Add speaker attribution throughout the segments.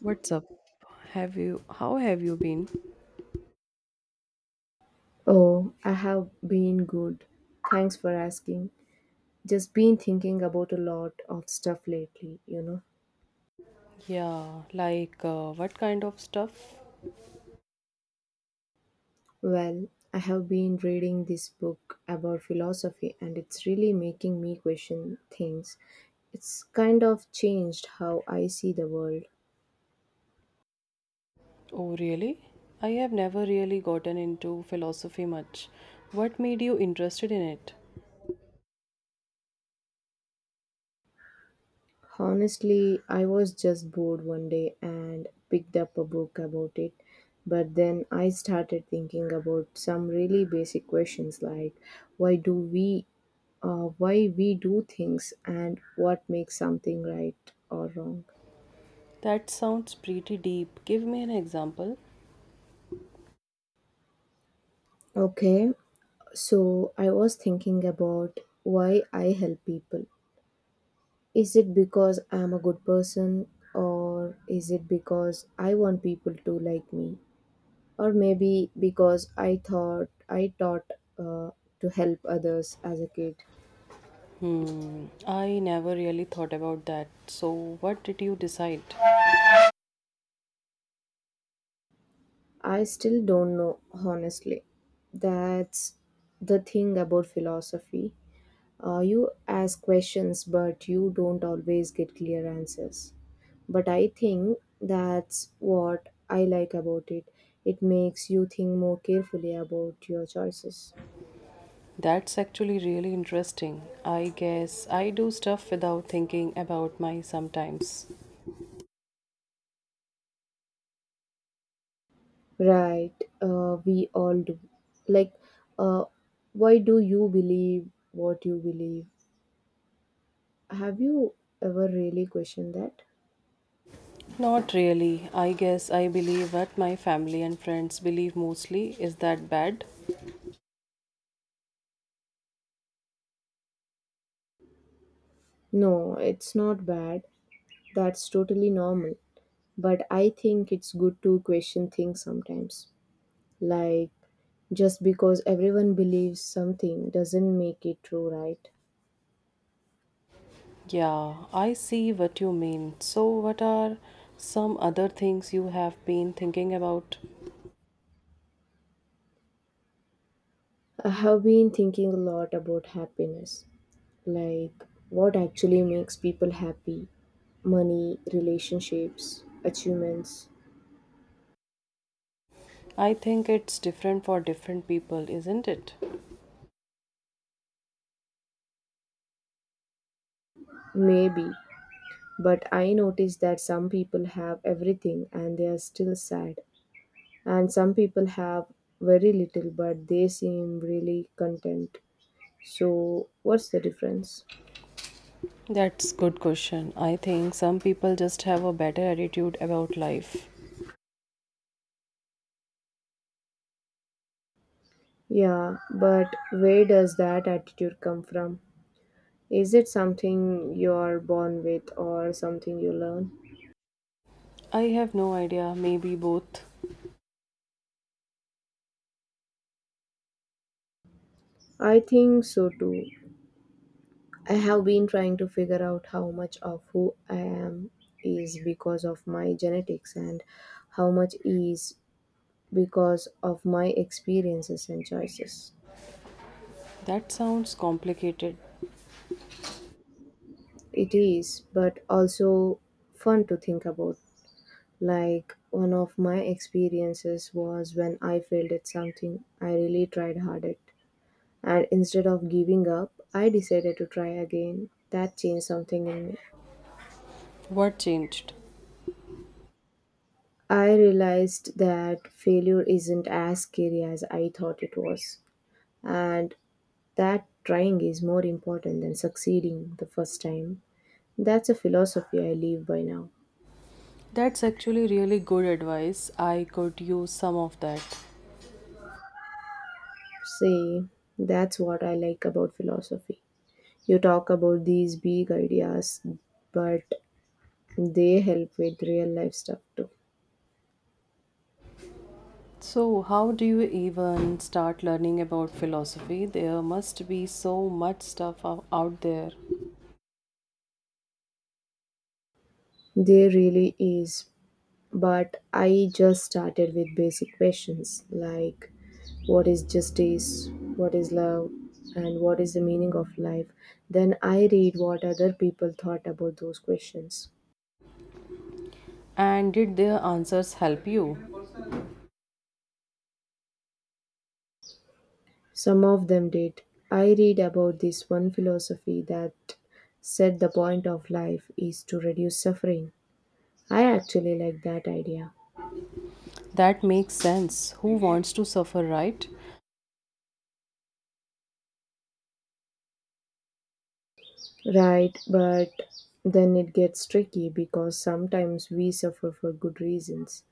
Speaker 1: What's up? Have you how have you been?
Speaker 2: Oh, I have been good. Thanks for asking. Just been thinking about a lot of stuff lately,
Speaker 1: Yeah, like what kind of stuff?
Speaker 2: Well, I have been reading this book about philosophy and it's really making me question things. It's kind of changed how I see the world.
Speaker 1: Oh, really? I have never really gotten into philosophy much. What made you interested in it?
Speaker 2: Honestly, I was just bored one day and picked up a book about it. But then I started thinking about some really basic questions, like why do we why we do things and what makes something right or wrong.
Speaker 1: That sounds pretty deep. Give me an example.
Speaker 2: Okay, so I was thinking about why I help people. Is it because I'm a good person, or is it because I want people to like me? Or maybe because I taught uh, to help others as a kid.
Speaker 1: I never really thought about that. So, what did you decide?
Speaker 2: I still don't know, honestly. That's the thing about philosophy. You ask questions, but you don't always get clear answers. But I think that's what I like about it. It makes you think more carefully about your choices.
Speaker 1: That's actually really interesting. I guess I do stuff without thinking about my sometimes.
Speaker 2: Right, we all do. Like, uh, why do you believe what you believe? Have you ever really questioned that?
Speaker 1: Not really. I guess I believe what my family and friends believe mostly. Is that bad?
Speaker 2: No, it's not bad. That's totally normal. But I think it's good to question things sometimes. Like, just because everyone believes something doesn't make it true, right?
Speaker 1: Yeah, I see what you mean. So, what are some other things you have been thinking about?
Speaker 2: I have been thinking a lot about happiness, like what actually makes people happy: money, relationships, achievements,
Speaker 1: I think it's different for different people, isn't it?
Speaker 2: maybe. But I noticed that some people have everything and they are still sad, and some people have very little but they seem really content. So, what's the difference?
Speaker 1: That's good question. I think some people just have a better attitude about life.
Speaker 2: Yeah, but where does that attitude come from? Is it something you're born with or something you learn?
Speaker 1: I have no idea, maybe both.
Speaker 2: I think so too. I have been trying to figure out how much of who I am is because of my genetics and how much is because of my experiences and choices.
Speaker 1: That sounds complicated.
Speaker 2: It is, but also fun to think about. Like, one of my experiences was when I failed at something I really tried hard at. And instead of giving up, I decided to try again. That changed something in me.
Speaker 1: What changed?
Speaker 2: I realized that failure isn't as scary as I thought it was, and that trying is more important than succeeding the first time. That's a philosophy I live by now.
Speaker 1: That's actually really good advice. I could use some of that.
Speaker 2: See, that's what I like about philosophy. You talk about these big ideas, but they help with real life stuff too.
Speaker 1: So, how do you even start learning about philosophy? There must be so much stuff out there.
Speaker 2: There really is. But I just started with basic questions like what is justice, what is love, and what is the meaning of life. Then I read what other people thought about those questions.
Speaker 1: And did their answers help you?
Speaker 2: Some of them did. I read about this one philosophy that said the point of life is to reduce suffering. I actually like that idea.
Speaker 1: That makes sense. Who wants to suffer, right?
Speaker 2: Right, but then it gets tricky because sometimes we suffer for good reasons.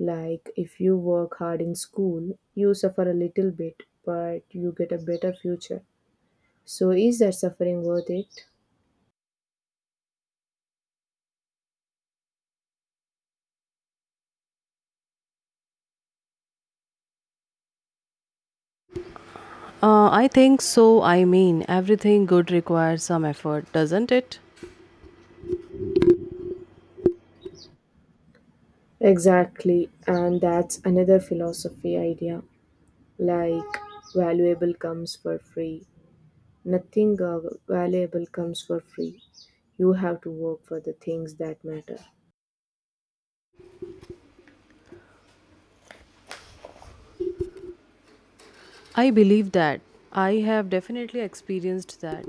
Speaker 2: Like if you work hard in school, you suffer a little bit, but you get a better future. So, is that suffering worth it?
Speaker 1: I think so. I mean, everything good requires some effort, doesn't it?
Speaker 2: Exactly, and that's another philosophy idea, like valuable comes for free. Nothing valuable comes for free. You have to work for the things that matter.
Speaker 1: I believe that. I have definitely experienced that.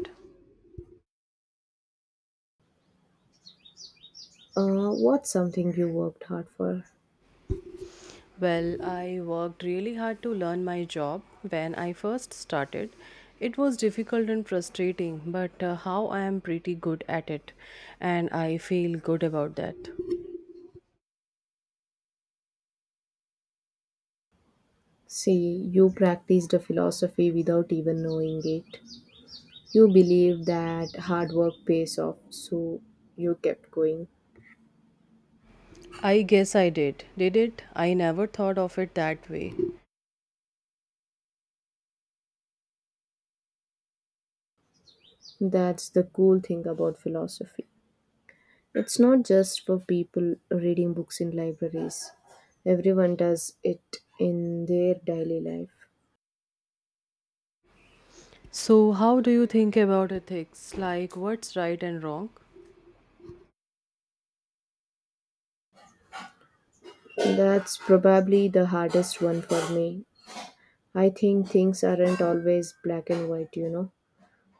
Speaker 2: What's something you worked hard for?
Speaker 1: Well, I worked really hard to learn my job when I first started. It was difficult and frustrating, but how I am pretty good at it, and I feel good about that.
Speaker 2: See, you practiced a philosophy without even knowing it. You believe that hard work pays off, so you kept going.
Speaker 1: I guess I did. Did it? I never thought of it that way.
Speaker 2: That's the cool thing about philosophy. It's not just for people reading books in libraries. Everyone does it in their daily life.
Speaker 1: So, how do you think about ethics? Like, what's right and wrong?
Speaker 2: That's probably the hardest one for me. I think things aren't always black and white, you know.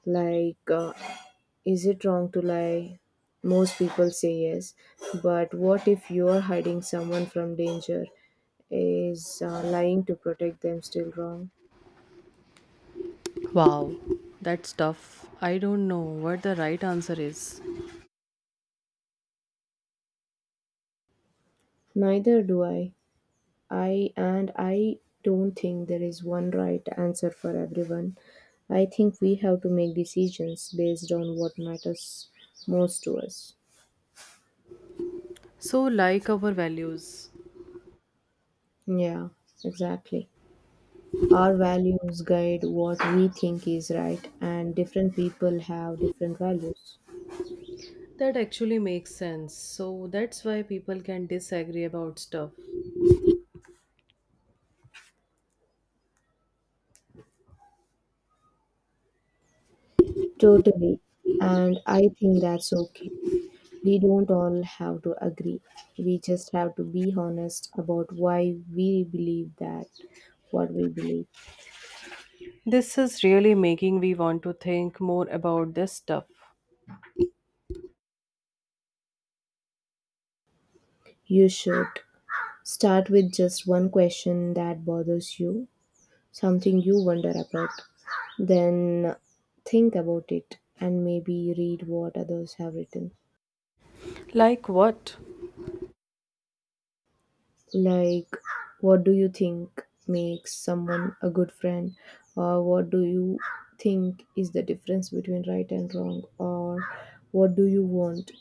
Speaker 2: Like, uh, is it wrong to lie? Most people say yes. But what if you're hiding someone from danger? Is lying to protect them still wrong?
Speaker 1: Wow, that's tough. I don't know what the right answer is.
Speaker 2: Neither do I. I and I don't think there is one right answer for everyone. I think we have to make decisions based on what matters most to us.
Speaker 1: So, like our values.
Speaker 2: Yeah, exactly. Our values guide what we think is right, and different people have different values.
Speaker 1: That actually makes sense. So that's why people can disagree about stuff.
Speaker 2: Totally. And I think that's okay. We don't all have to agree. We just have to be honest about why we believe that, what we believe.
Speaker 1: This is really making me want to think more about this stuff.
Speaker 2: You should. Start with just one question that bothers you, something you wonder about. Then think about it and maybe read what others have written.
Speaker 1: Like what?
Speaker 2: Like, what do you think makes someone a good friend? Or what do you think is the difference between right and wrong? Or what do you want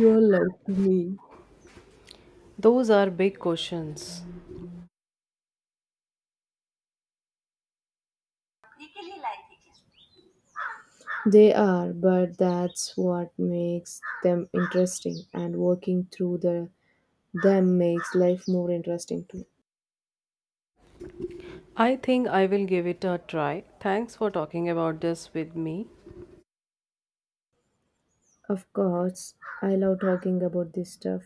Speaker 2: your love to mean?
Speaker 1: Those are big questions.
Speaker 2: They are, but that's what makes them interesting, and working through the Them makes life more interesting too.
Speaker 1: I think I will give it a try. Thanks for talking about this with me.
Speaker 2: Of course, I love talking about this stuff,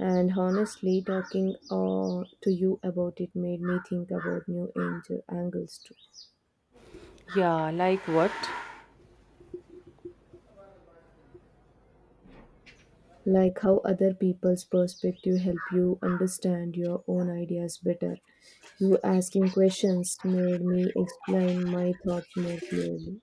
Speaker 2: and honestly, talking to you about it made me think about new angel angles too.
Speaker 1: Yeah, like what?
Speaker 2: Like how other people's perspective help you understand your own ideas better. You asking questions made me explain my thoughts more clearly.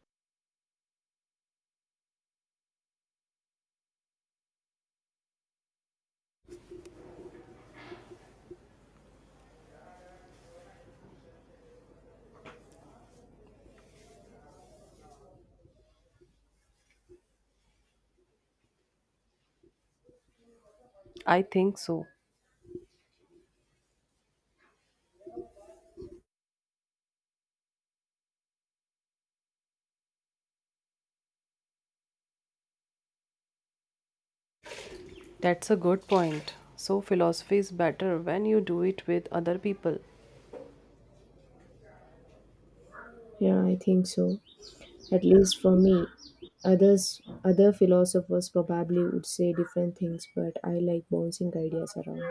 Speaker 1: I think so. That's a good point. So, philosophy is better when you do it with other people.
Speaker 2: Yeah, I think so. At least for me. Other philosophers probably would say different things, but I like bouncing ideas around.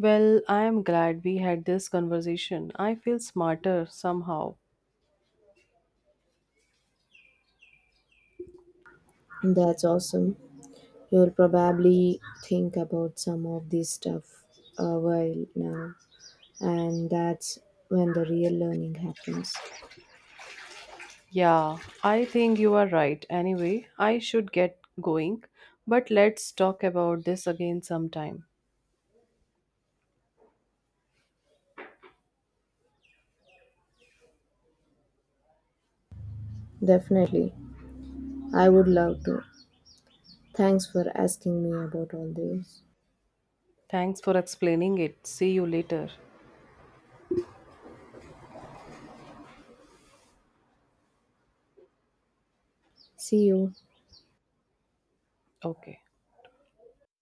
Speaker 1: Well, I am glad we had this conversation. I feel smarter somehow.
Speaker 2: That's awesome. You'll probably think about some of this stuff a while now, and that's when the real learning happens.
Speaker 1: Yeah, I think you are right. Anyway, I should get going, but let's talk about this again sometime.
Speaker 2: Definitely, I would love to. Thanks for asking me about all this.
Speaker 1: Thanks for explaining it. See you later.
Speaker 2: See you.
Speaker 1: Okay.